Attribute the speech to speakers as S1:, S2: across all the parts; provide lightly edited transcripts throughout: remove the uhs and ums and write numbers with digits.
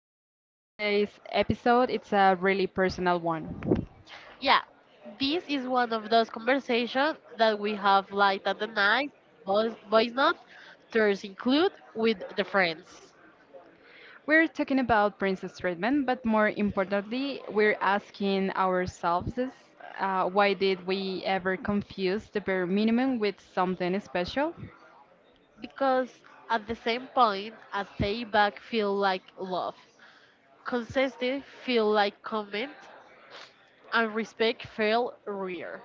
S1: Midnight. Today's episode it's a really personal one.
S2: Yeah, this is one of those conversations that we have like at the night, voice notes, there's include with the friends.
S1: We're talking about princess treatment, but more importantly, we're asking ourselves this, why did we ever confuse the bare minimum with something special?
S2: Because at the same point, a payback feel like love, consistent feel like comment, and respect feel rare.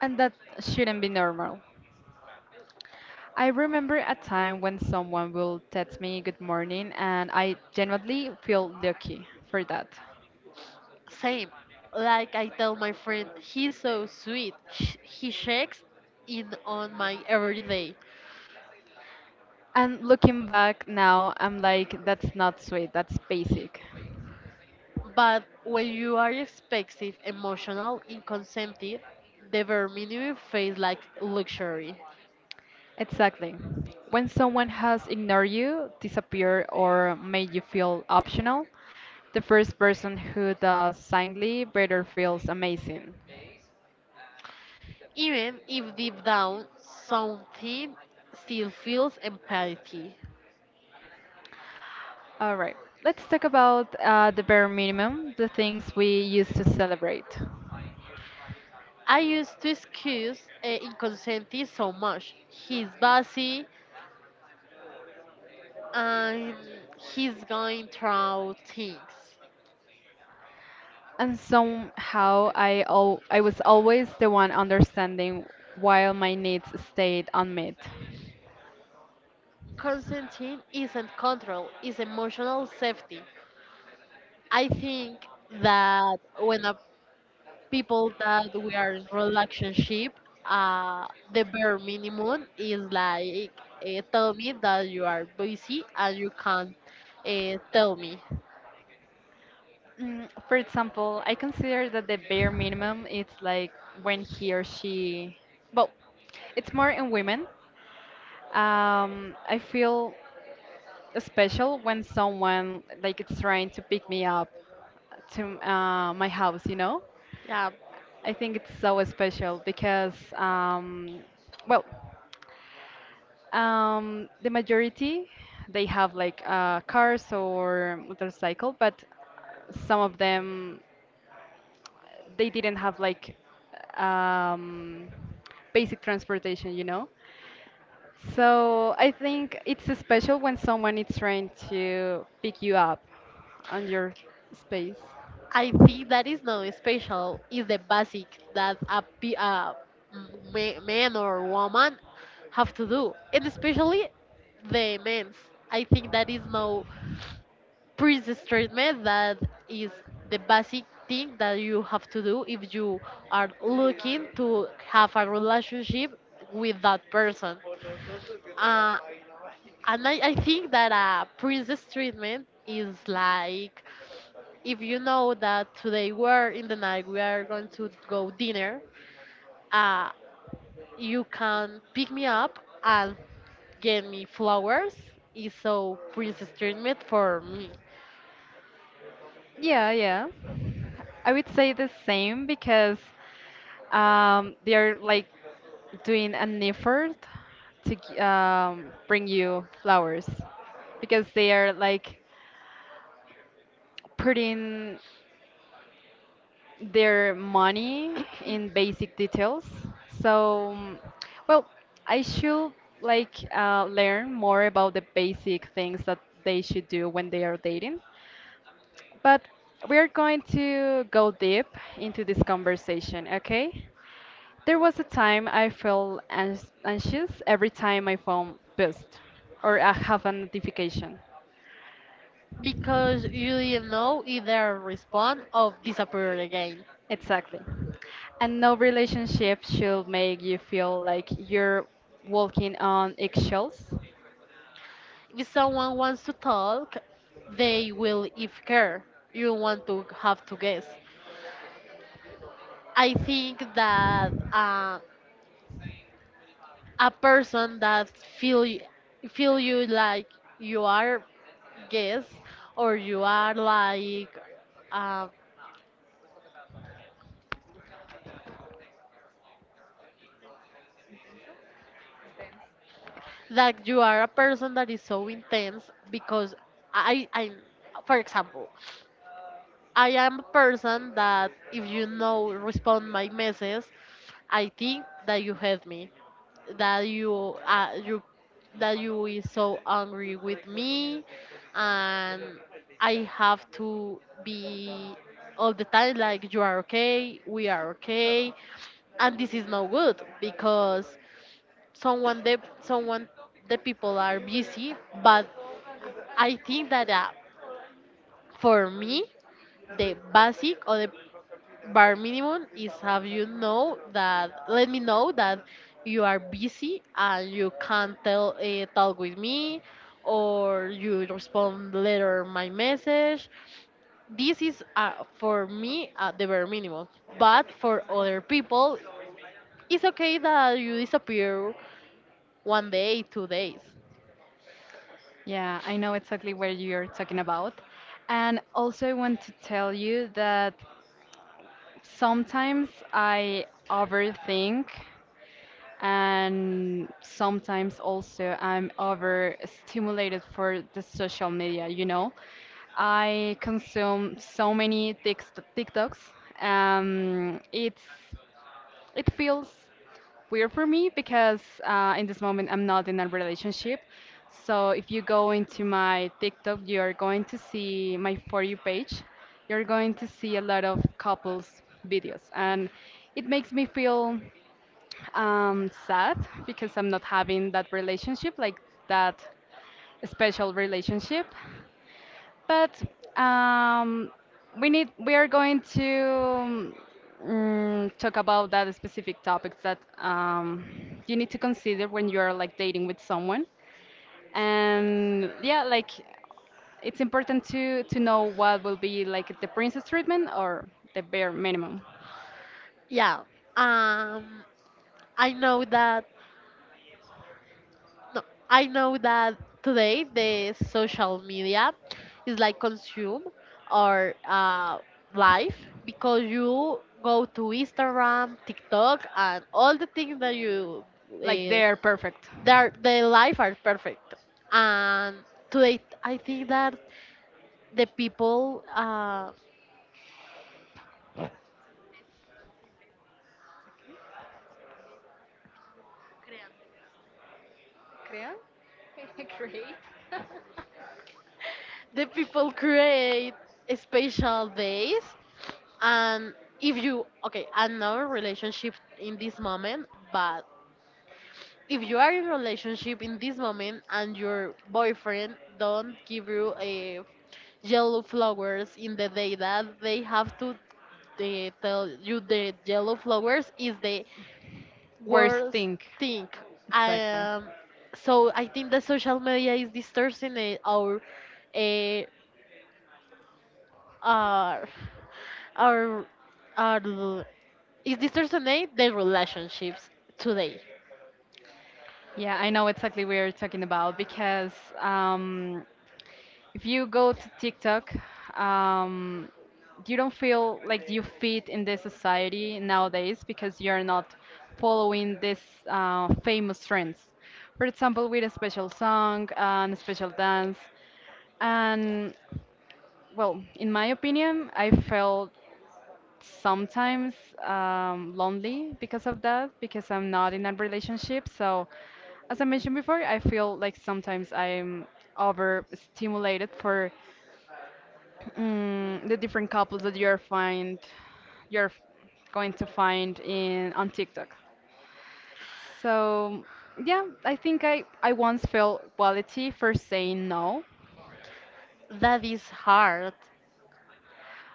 S1: And that shouldn't be normal. I remember a time when someone will text me good morning, and I genuinely feel lucky for that.
S2: Same, like I tell my friend, he's so sweet. He shakes in on my everyday.
S1: And looking back now, I'm like, that's not sweet, that's basic.
S2: But when you are expensive, emotional, inconsensitive, the bare minimum feels like luxury.
S1: Exactly. When someone has ignored you, disappeared, or made you feel optional, the first person who does silently better feels amazing.
S2: Even if deep down something still feels empathy.
S1: All right, let's talk about the bare minimum, the things we used to celebrate.
S2: I used to excuse inconsensitive so much. He's busy and he's going through things.
S1: And somehow I was always the one understanding while my needs stayed unmet.
S2: Consenting isn't control, it's emotional safety. I think that when a people that we are in relationship, uh, the bare minimum is like tell me that you are busy and you can't tell me.
S1: Mm, for example, I consider that the bare minimum it's like when he or she, well, it's more in women. I feel special when someone like it's trying to pick me up to my house, you know?
S2: Yeah,
S1: I think it's so special because, well, the majority they have like cars or motorcycle, but some of them they didn't have like um, basic transportation, you know? So I think it's special when someone is trying to pick you up on your space.
S2: I think that is not special. Is the basic that a man or woman have to do, and especially the men's. I think that is no princess treatment that is the basic thing that you have to do if you are looking to have a relationship with that person. Uh, and I think that a princess treatment is like if you know that today we're in the night, we are going to go dinner, uh, you can pick me up and get me flowers. Is so princess treatment for me.
S1: Yeah, yeah. I would say the same because they're like doing an effort to bring you flowers because they are like putting their money in basic details. So, mm, well, I should like learn more about the basic things that they should do when they are dating. But we are going to go deep into this conversation, okay? There was a time I felt anxious every time my phone buzzed or I have a notification.
S2: Because you didn't know either respond or disappear again.
S1: Exactly. And no relationship should make you feel like you're walking on eggshells.
S2: If someone wants to talk, they will if care. You want to have to guess. I think that a person that feel y- feel you like you are guess or you are like uh, that you are a person that is so intense because I for example I am a person that if you know respond my message, I think that you hate me, that you that you is so angry with me, and I have to be all the time like you are okay, we are okay, and this is no good because someone the people are busy, but I think that for me the basic or the bare minimum is have you know that let me know that you are busy and you can't tell talk with me or you respond later my message. This is for me the bare minimum. But for other people, it's okay that you disappear one day, two days.
S1: Yeah, I know exactly where you're talking about. And also, I want to tell you that sometimes I overthink and sometimes also I'm overstimulated for the social media, you know? I consume so many TikToks. It's it feels weird for me because in this moment I'm not in a relationship. So if you go into my TikTok, you're going to see my For You page. You're going to see a lot of couples videos, and it makes me feel sad because I'm not having that relationship, like that special relationship. But um, we are going to talk about that specific topics that you need to consider when you are like dating with someone. And yeah, like it's important to know what will be like the princess treatment or the bare minimum.
S2: Yeah. Um, I know that No, I know that today the social media is like consume our life because you go to Instagram, TikTok, and all the things that you
S1: Like
S2: uh,
S1: they're perfect.
S2: their the life are perfect. And today, I think that the people uh,
S1: Crean? Great.
S2: the people create special days and if you okay I'm not in a relationship in this moment but if you are in a relationship in this moment and your boyfriend don't give you a yellow flowers in the day that they have to they tell you the yellow flowers is the
S1: Worst
S2: worst
S1: thing.
S2: thing I
S1: Exactly.
S2: so I think the social media is distorting our eh, our our our is distorting the relationships today.
S1: Yeah, I know exactly what you're talking about because um, if you go to TikTok, um, you don't feel like you fit in this society nowadays because you're not following these famous trends. For example, with a special song and a special dance. And, well, in my opinion, I felt sometimes lonely because of that, because I'm not in a relationship. So, as I mentioned before, I feel like sometimes I'm overstimulated for mm, the different couples that you're find you're f- going to find in on TikTok. So yeah, I think I once felt quality for saying no.
S2: That is hard.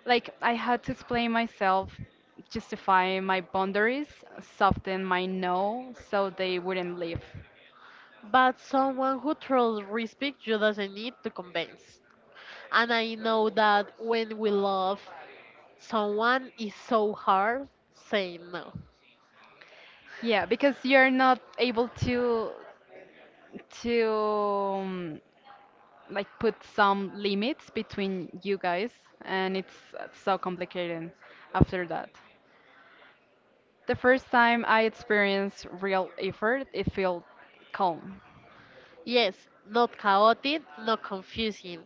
S1: Like I had to explain myself, justify my boundaries, soften my no so they wouldn't leave.
S2: But someone who truly respects you doesn't need to convince. And I know that when we love someone, it's so hard saying no.
S1: Yeah, because you're not able to like put some limits between you guys and it's so complicated after that. The first time I experienced real effort, it felt calm.
S2: Yes, not chaotic, not confusing.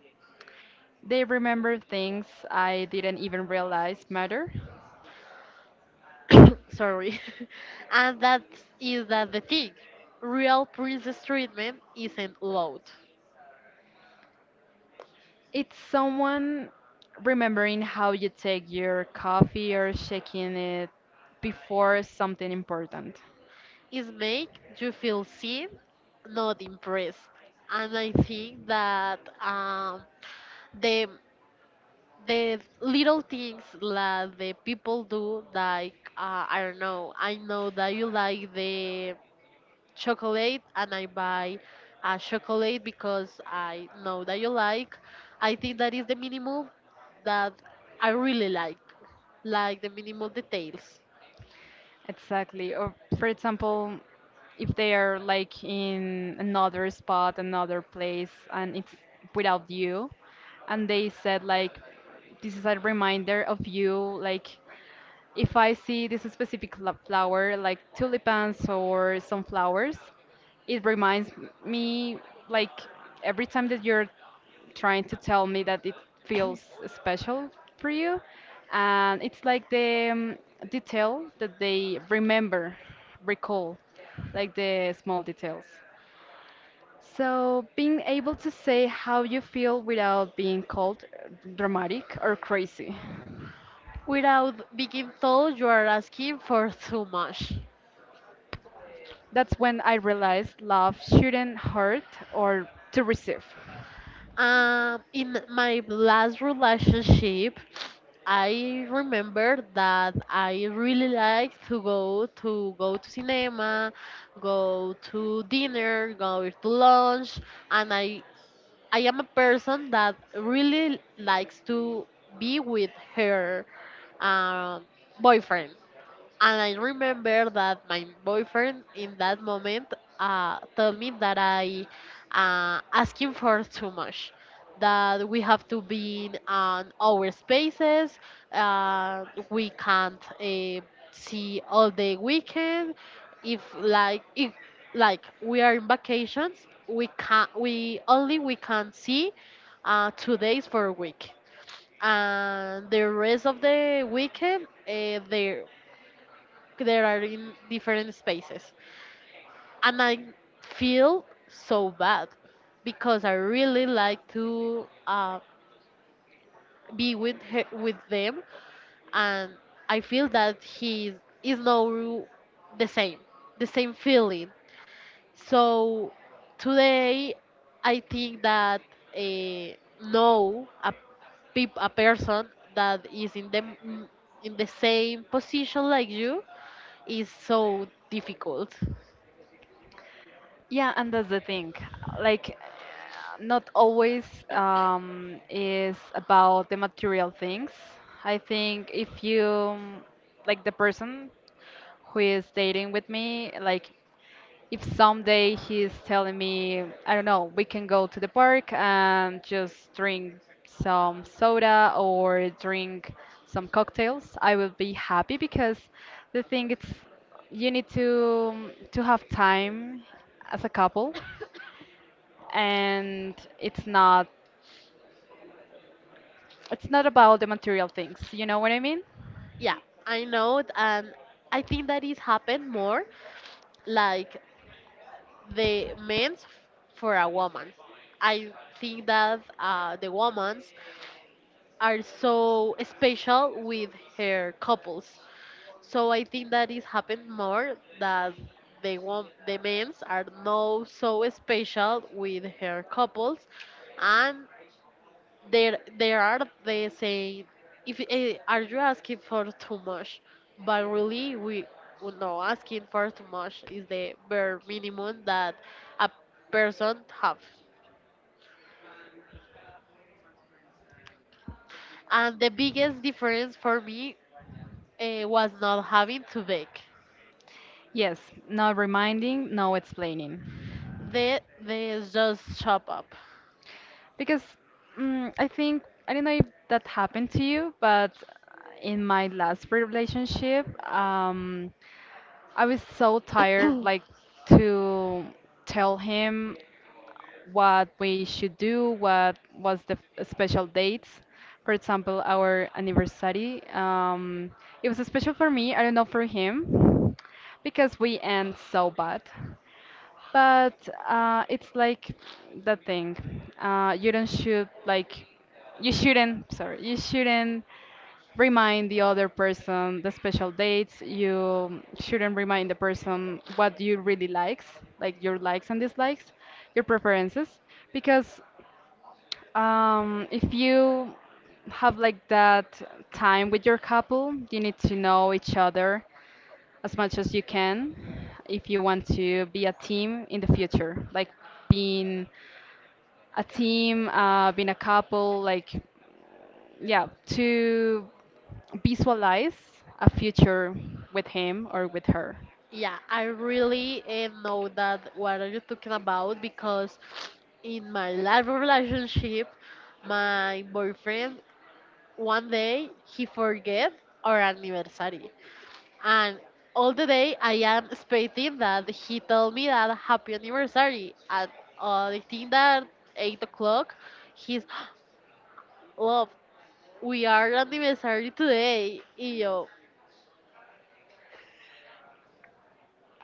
S1: They remember things I didn't even realize matter.
S2: Sorry. And that is that the thing. Real princess treatment isn't loud.
S1: It's someone remembering how you take your coffee or shaking it before something important.
S2: It make you feel seen, not impressed. And I think that the the little things that the people do like I don't know I know that you like the chocolate and I buy chocolate because I know that you like I think that is the minimum that I really like the minimal details
S1: Exactly. Or for example, if they are like in another spot, another place, and it's without you, and they said like, this is a reminder of you. Like, if I see this specific flower, like tulipans or sunflowers, it reminds me like every time that you're trying to tell me that it feels special for you. And it's like the detail that they remember, recall, like the small details. So, being able to say how you feel without being called dramatic or crazy.
S2: without being told you are asking for too much.
S1: That's when I realized love shouldn't hurt or to receive.
S2: In my last relationship, I remember that I really like to go to cinema, go to dinner, go to lunch, and I am a person that really likes to be with her um, boyfriend. And I remember that my boyfriend in that moment told me that I asking for too much, that we have to be in on our spaces, we can't see all the weekend. If like we are in vacations, we can we only we can see two days for a week and the rest of the weekend there are in different spaces. And I feel so bad because I really like to be with them, and I feel that he is no the same, the same feeling. So today, I think that uh, no a person that is in the same position like you is so difficult.
S1: Yeah, and that's the thing. Like, not always is about the material things. I think if you, like, the person who is dating with me, like, if someday he's telling me, I don't know, we can go to the park and just drink some soda or drink some cocktails, I will be happy because the thing is, you need to have time as a couple and it's not about the material things, you know what I mean?
S2: Yeah, I know, it, and I think that it's happened more like the men's for a woman. I think that the women's are so special with her couples. So I think that it's happened more that the men's are no so special with her couples, and there are they say if are you asking for too much but really we know asking for too much is the bare minimum that a person have and the biggest difference for me was not having to bake.
S1: Yes, no reminding, no explaining.
S2: They just chop up.
S1: Because mm I think, I don't know if that happened to you, but in my last relationship, I was so tired, like, to tell him what we should do, what was the special dates. For example, our anniversary. It was special for me. I don't know for him because we end so bad. But it's like the thing. Uh, you don't should like you shouldn't. Sorry, you shouldn't remind the other person the special dates. You shouldn't remind the person what you really likes, like your likes and dislikes, your preferences, because if you have like that time with your couple, you need to know each other as much as you can if you want to be a team in the future, like being a team, being a couple, like yeah, to visualize a future with him or with her.
S2: Yeah I really know that what are you talking about because in my last relationship my boyfriend one day he forget our anniversary and all the day I am expecting that he told me that happy anniversary and I think that 8 o'clock he's love we are anniversary today y yo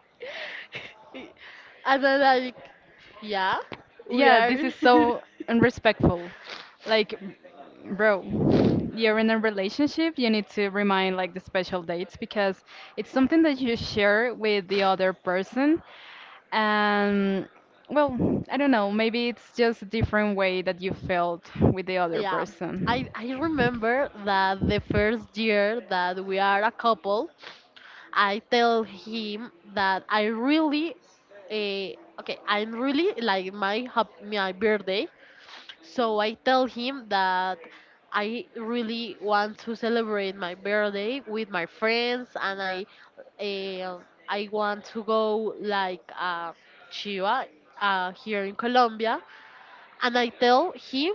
S2: and then like yeah we
S1: Yeah,
S2: are.
S1: this is so unrespectful. Like, bro, you're in a relationship, you need to remind like the special dates because it's something that you share with the other person. And well, I don't know, maybe it's just a different way that you felt with the other
S2: Yeah, I,
S1: person.
S2: I remember that the first year that we are a couple I tell him that I really, okay, I'm really like my birthday. So I tell him that I really want to celebrate my birthday with my friends, and uh, I want to go like Chiva here in Colombia, and I tell him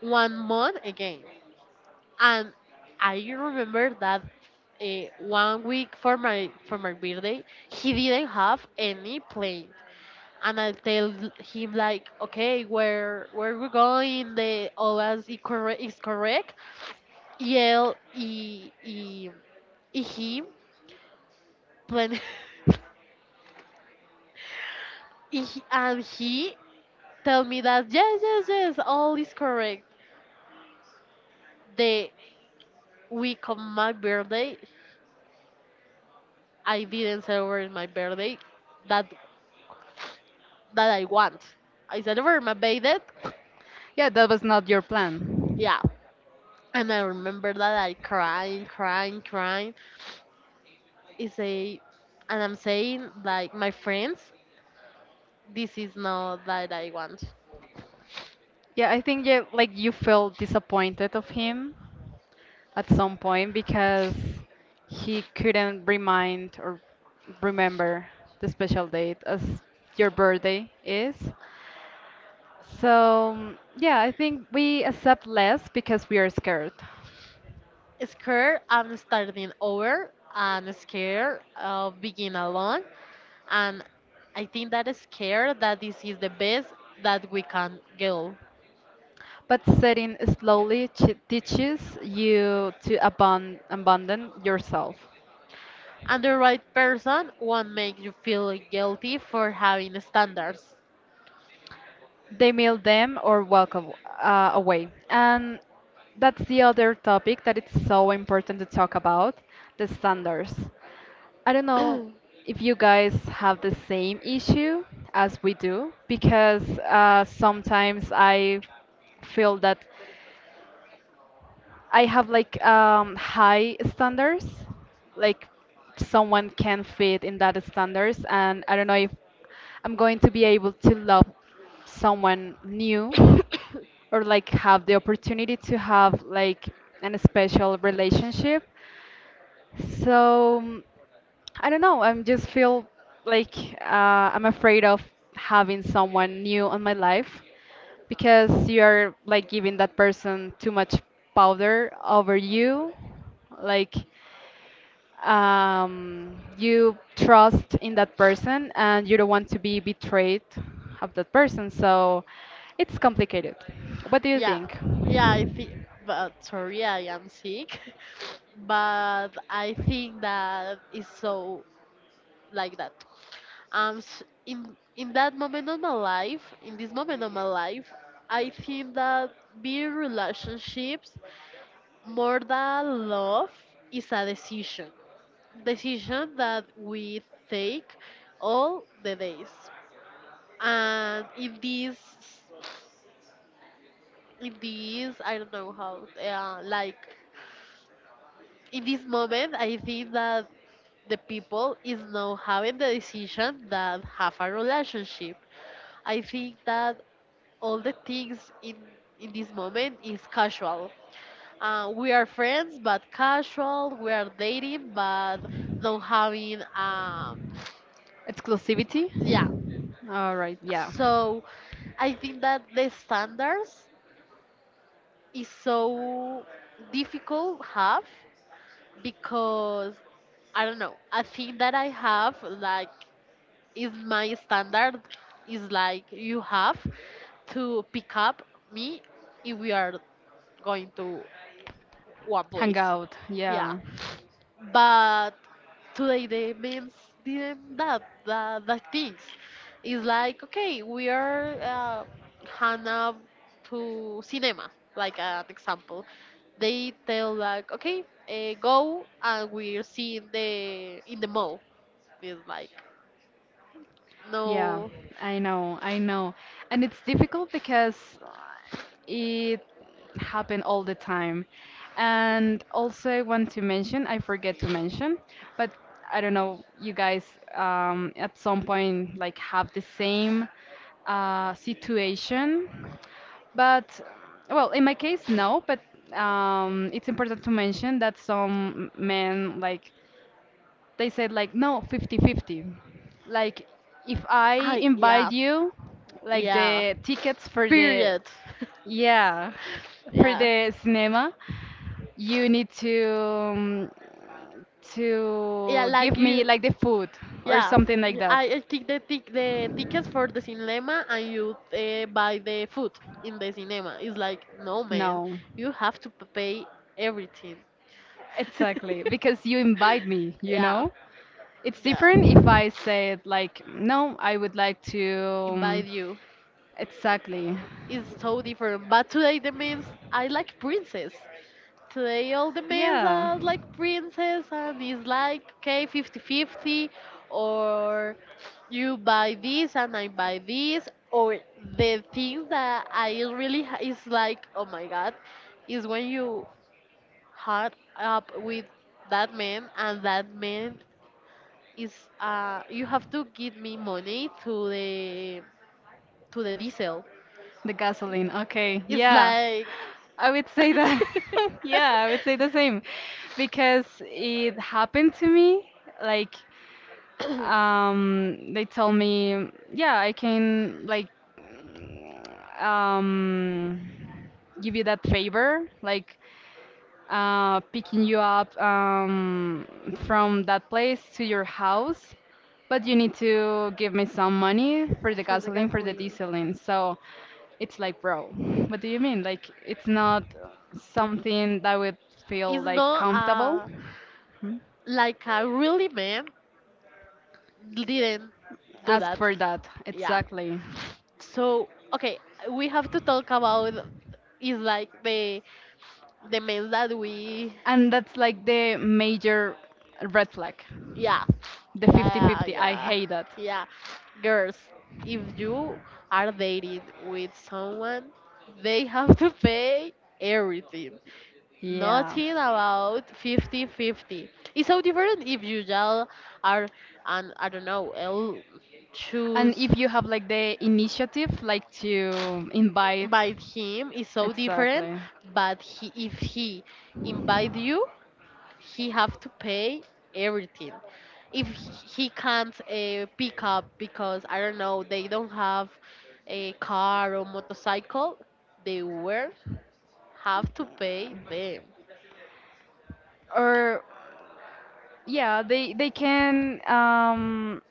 S2: one month again. And I remember that one week for my birthday, he didn't have any plane. And I tell him like, okay, where we going? The OAS is correct. Is correct. Yell, e, e, e him plan. He, and he tell me that yes, yes, yes, all is correct. The week of my birthday, I didn't celebrate my birthday that that I want. Is that ever.
S1: Yeah, that was not your plan.
S2: Yeah. And I remember that I crying, crying, crying. It's a, and I'm saying like my friends, this is not that I want.
S1: Yeah, I think you like you felt disappointed of him at some point because he couldn't remind or remember the special date as your birthday is. So, yeah, I think we accept less because we are scared.
S2: Scared, I'm starting over. I'm scared of being alone, and I think that is scared that this is the best that we can go.
S1: But setting slowly ch teaches you to abun abandon yourself.
S2: And the right person won't make you feel guilty for having standards.
S1: They mail them or walk away. And that's the other topic that it's so important to talk about, the standards. I don't know if you guys have the same issue as we do, because sometimes I feel that I have like high standards, like someone can fit in that standards, and I don't know if I'm going to be able to love someone new or like have the opportunity to have like an special relationship. So mm, I don't know. I'm just feel like uh, I'm afraid of having someone new on my life because you're like giving that person too much powder over you. Like you trust in that person and you don't want to be betrayed of that person. So it's complicated. What do you
S2: Yeah,
S1: think?
S2: yeah, I think, but sorry, I am sick, but I think that it's so like that. In that moment of my life, in this moment of my life, I think that being relationships more than love is a decision, decision that we take all the days, and in this, I don't know how, like in this moment I think that the people is now having the decision that have a relationship I think that all the things in this moment is casual we are friends but casual we are dating but not having
S1: Exclusivity?
S2: yeah
S1: All right, yeah.
S2: so I think that the standards is so difficult have because I don't know. I think that I have like is my standard is like you have to pick up me if we are going to one place.
S1: Hangout,
S2: Yeah
S1: yeah.
S2: but today the memes didn't that the things it's like okay we are hannah to cinema like an example they tell like okay go and we're seeing the in the mall it's like
S1: Yeah,
S2: no.
S1: I know, I know. And it's difficult because uh, it happen all the time. And also I want to mention, I forget to mention, but I don't know, you guys at some point like have the same situation. But well, in my case, no, but it's important to mention that some men like they said like no 50-50, like if I
S2: I yeah,
S1: invite you like
S2: yeah.
S1: the tickets for the,
S2: Period.
S1: yeah, for
S2: Yeah,
S1: the cinema, you need to
S2: yeah. Like
S1: give
S2: you.
S1: me like the food or
S2: Yeah,
S1: something like
S2: y-
S1: that.
S2: I I take the tickets for the cinema and you buy the food in the cinema. It's like no man,
S1: No,
S2: you have to pay everything.
S1: exactly, because you invite me, you know.
S2: Yeah,
S1: It's
S2: yeah.
S1: different if I say it like, no, I would like to.
S2: Invite
S1: Um,
S2: you.
S1: exactly.
S2: It's so different. But today the means I like princess. Today all the males
S1: Yeah.
S2: are like princess and it's like okay 50-50, or you buy this and I buy this or the thing that I really is like oh my god is when you hard up with that man and that man is you have to give me money to the diesel
S1: The gasoline. Okay.
S2: it's
S1: Yeah.
S2: like
S1: I would say that. Yeah, I would say the same because it happened to me. Like, they told me, yeah, I can like, um, give you that favor. Like, picking you up from that place to your house, but you need to give me some money for the
S2: for the
S1: gasoline, for the
S2: gasoline.
S1: dieseling. So it's like, bro, what do you mean? Like, it's not something that would feel
S2: It's
S1: like
S2: not
S1: comfortable. Hmm?
S2: like a really man didn't do
S1: Ask
S2: that.
S1: for that,
S2: Yeah.
S1: exactly.
S2: So okay, we have to talk about is like the men that we
S1: And that's like the major red flag.
S2: yeah
S1: The
S2: yeah
S1: 50-50, I
S2: yeah
S1: hate that.
S2: yeah girls. If you are dating with someone, they have to pay everything.
S1: Yeah.
S2: Nothing about 50-50. It's so different if you yell are, and I don't know, I'll
S1: And
S2: choose
S1: if you have like the initiative, like to invite,
S2: invite him. It's so different,
S1: exactly.
S2: but if he invite you, he have to pay everything. If he can't pick up because I don't know, they don't have a car or motorcycle, they will have to pay them.
S1: Or, yeah, they can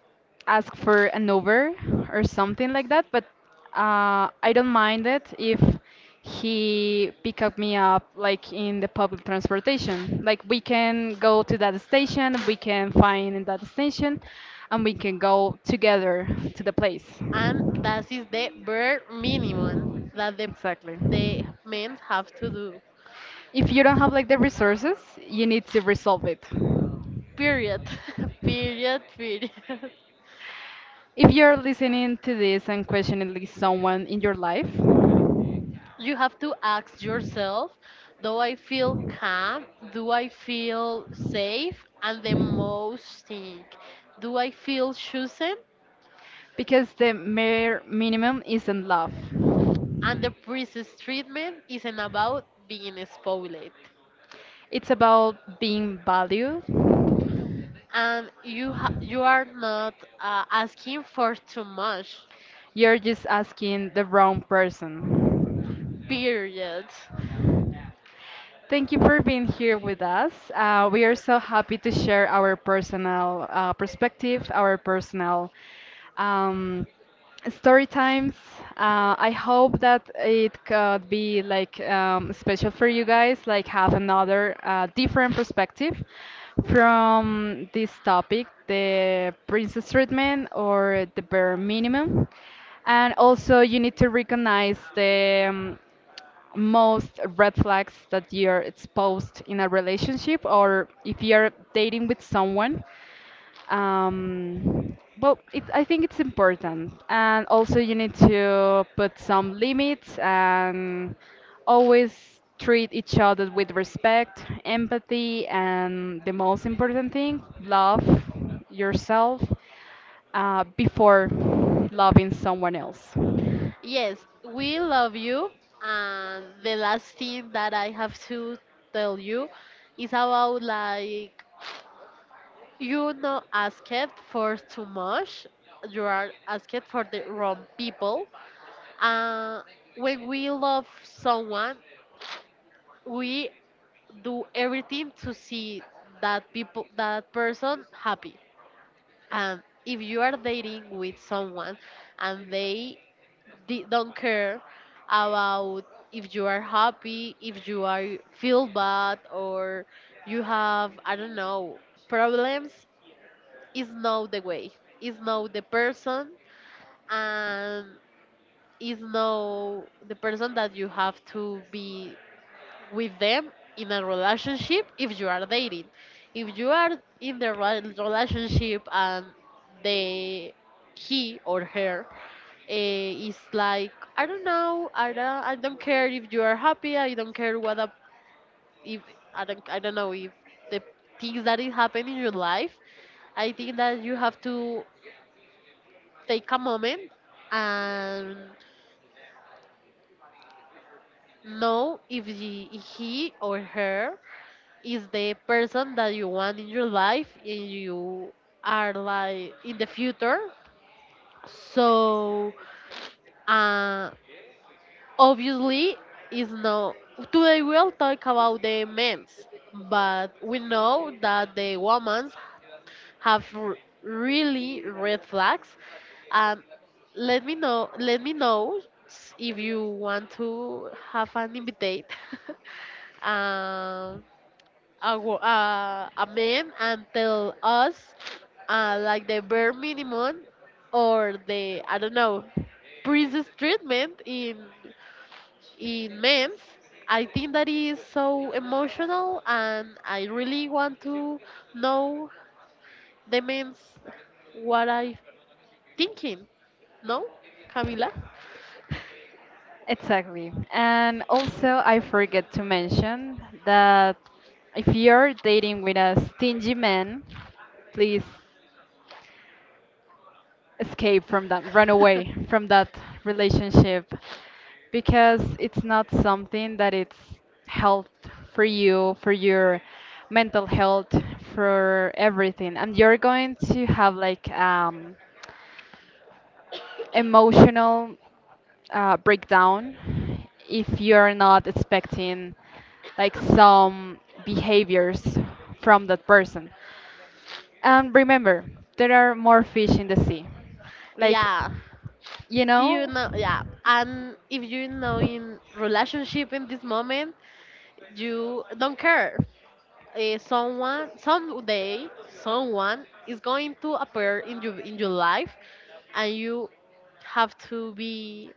S1: ask for an over or something like that, but I don't mind it if he pick up me up like in the public transportation. Like we can go to that station, we can find in that station, and we can go together to the place.
S2: And that is the bare minimum that the
S1: Exactly.
S2: the men have to do.
S1: If you don't have like the resources, you need to resolve it.
S2: Period. Period. Period.
S1: If you're listening to this and questioning someone in your life,
S2: You have to ask yourself, do I feel calm, do I feel safe, and the most thing, do I feel chosen?
S1: because the mere minimum isn't love.
S2: And the priest's treatment isn't about being spoiled,
S1: It's about being valued.
S2: and you are not asking for too much.
S1: You're just asking the wrong person.
S2: Period.
S1: Thank you for being here with us. We are so happy to share our personal perspective, our personal um, story times. I hope that it could be like special for you guys, like have another different perspective from this topic, the princess treatment or the bare minimum. And also, you need to recognize the most red flags that you're exposed in a relationship or if you're dating with someone. um I think it's important, and also you need to put some limits and always treat each other with respect, empathy, and the most important thing, love yourself before loving someone else.
S2: Yes, we love you. And the last thing that I have to tell you is about like you not asking for too much. You are asking for the wrong people. Uh, when we love someone, we do everything to see that people that person happy. And if you are dating with someone and they don't care about if you are happy, if you are feel bad, or you have, I don't know, problems. Is not the way. Is not the person, and is not the person that you have to be with them in a relationship if you are dating. If you are in the relationship, and they, he or her, it's like, I don't know. I don't care if you are happy. I don't care what up. If I don't. I don't know if the things that is happening in your life. I think that you have to take a moment and know if he or her is the person that you want in your life and you are like in the future. So uh, obviously is no. Today we'll talk about the men's, but we know that the women's have really red flags. And let me know, if you want to have an invite, um, a man, and tell us like the bare minimum or the, I don't know, princess treatment in memes. I think that is so emotional, and I really want to know the memes, what I thinking. No, Camila.
S1: Exactly. And also, I forget to mention that if you're dating with a stingy man, please escape from that, run away from that relationship, because it's not something that it's health for you, for your mental health, for everything. And you're going to have like emotional breakdown if you're not expecting like some behaviors from that person. And remember, there are more fish in the sea. Like,
S2: Yeah,
S1: you
S2: you
S1: know,
S2: know, yeah. And if you know in relationship in this moment, you don't care. Someone someday someone is going to appear in your life, and you have to be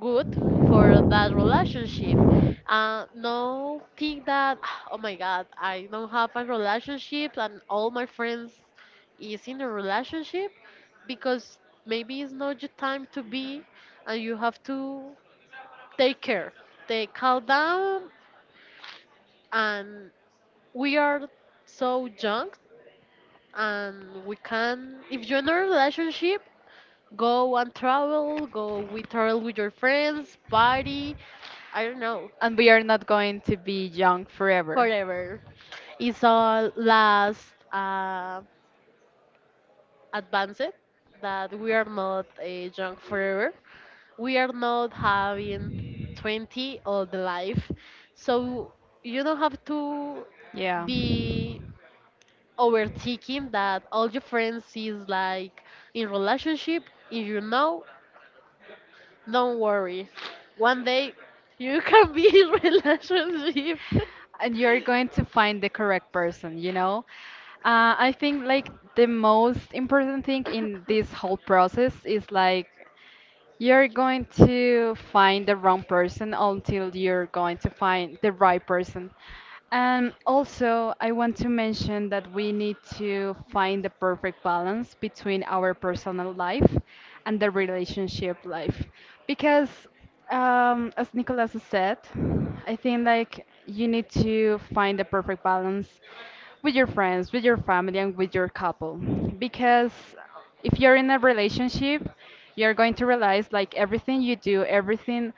S2: good for that relationship. No think that oh my god, I don't have a relationship and all my friends is in a relationship, because maybe it's not your time to be, and you have to take care. Take calm down, and we are so young, and we can, if you're in a relationship, go and travel, go we travel with your friends, party, I don't know.
S1: and we are not going to be young forever.
S2: However, it's all last advanced that we are not young forever. We are not having 20 all the life. So you don't have to
S1: Yeah.
S2: be overthinking that all your friends is like in relationship. If you know, don't worry. One day you can be in relationship.
S1: And you're going to find the correct person, you know? I think like the most important thing in this whole process is like you're going to find the wrong person until you're going to find the right person. And also, I want to mention that we need to find the perfect balance between our personal life and the relationship life. Because, as Nicolas said, I think like you need to find the perfect balance with your friends, with your family, and with your couple. Because if you're in a relationship, you're going to realize like everything you do, everything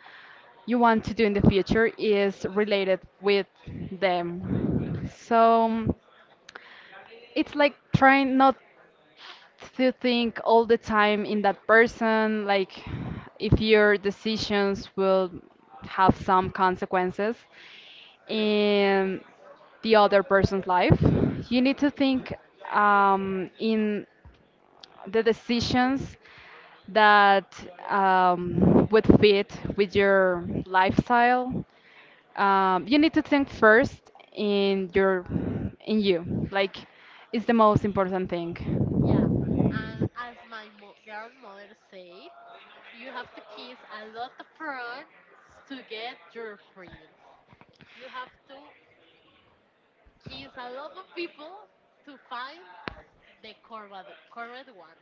S1: you want to do in the future is related with them. So it's like trying not to think all the time in that person, like if your decisions will have some consequences in the other person's life. You need to think in the decisions that would fit with your lifestyle. You need to think first in your, in you, like it's the most important thing.
S2: Yeah, and as my grandmother said, you have to kiss a lot of frogs to get your prince. You have to kiss a lot of people to find the correct one.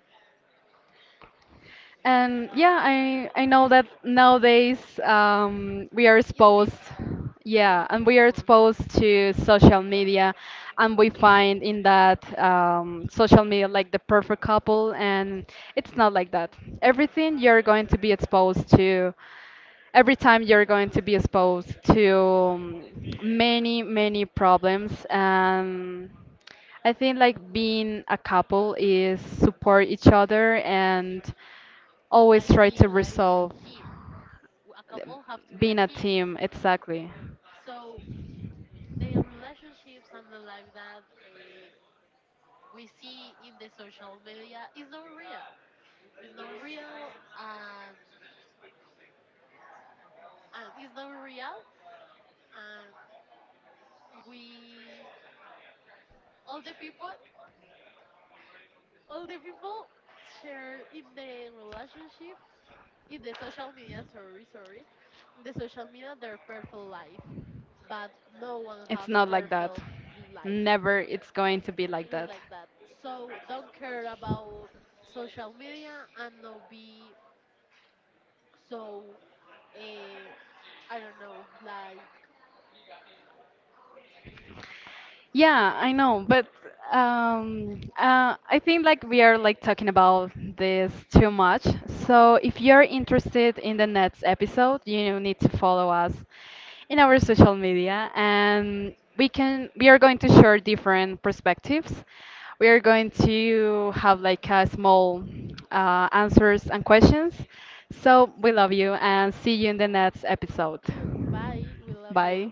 S1: And yeah, I know that nowadays we are
S2: It's
S1: exposed,
S2: difficult. There
S1: yeah,
S2: is
S1: and we are
S2: difficult.
S1: exposed to social media, and we find in that social media like the perfect couple, and it's not like that. Everything you're going to be exposed to, every time you're going to be exposed to many many problems. And I think like being a couple is support each other and always
S2: That
S1: try
S2: be
S1: to
S2: like
S1: resolve,
S2: team. A couple have to be a
S1: being a
S2: team.
S1: team, exactly.
S2: So the relationships and the life that we see in the social media is not real. It's not real, and it's not real, and we, all the people, all the people share in the relationship in the social media. Sorry, in the social media their perfect life, but no one
S1: It's
S2: have a
S1: not like that.
S2: perfect life.
S1: Never it's going to be like
S2: Be
S1: that.
S2: like that. So don't care about social media and not be. So, I don't know, like,
S1: Yeah, I know, but I think like we are like talking about this too much. So if you're interested in the next episode, you need to follow us in our social media, and we are going to share different perspectives. We are going to have like a small answers and questions. So we love you and see you in the next episode.
S2: bye, we love
S1: Bye.
S2: you.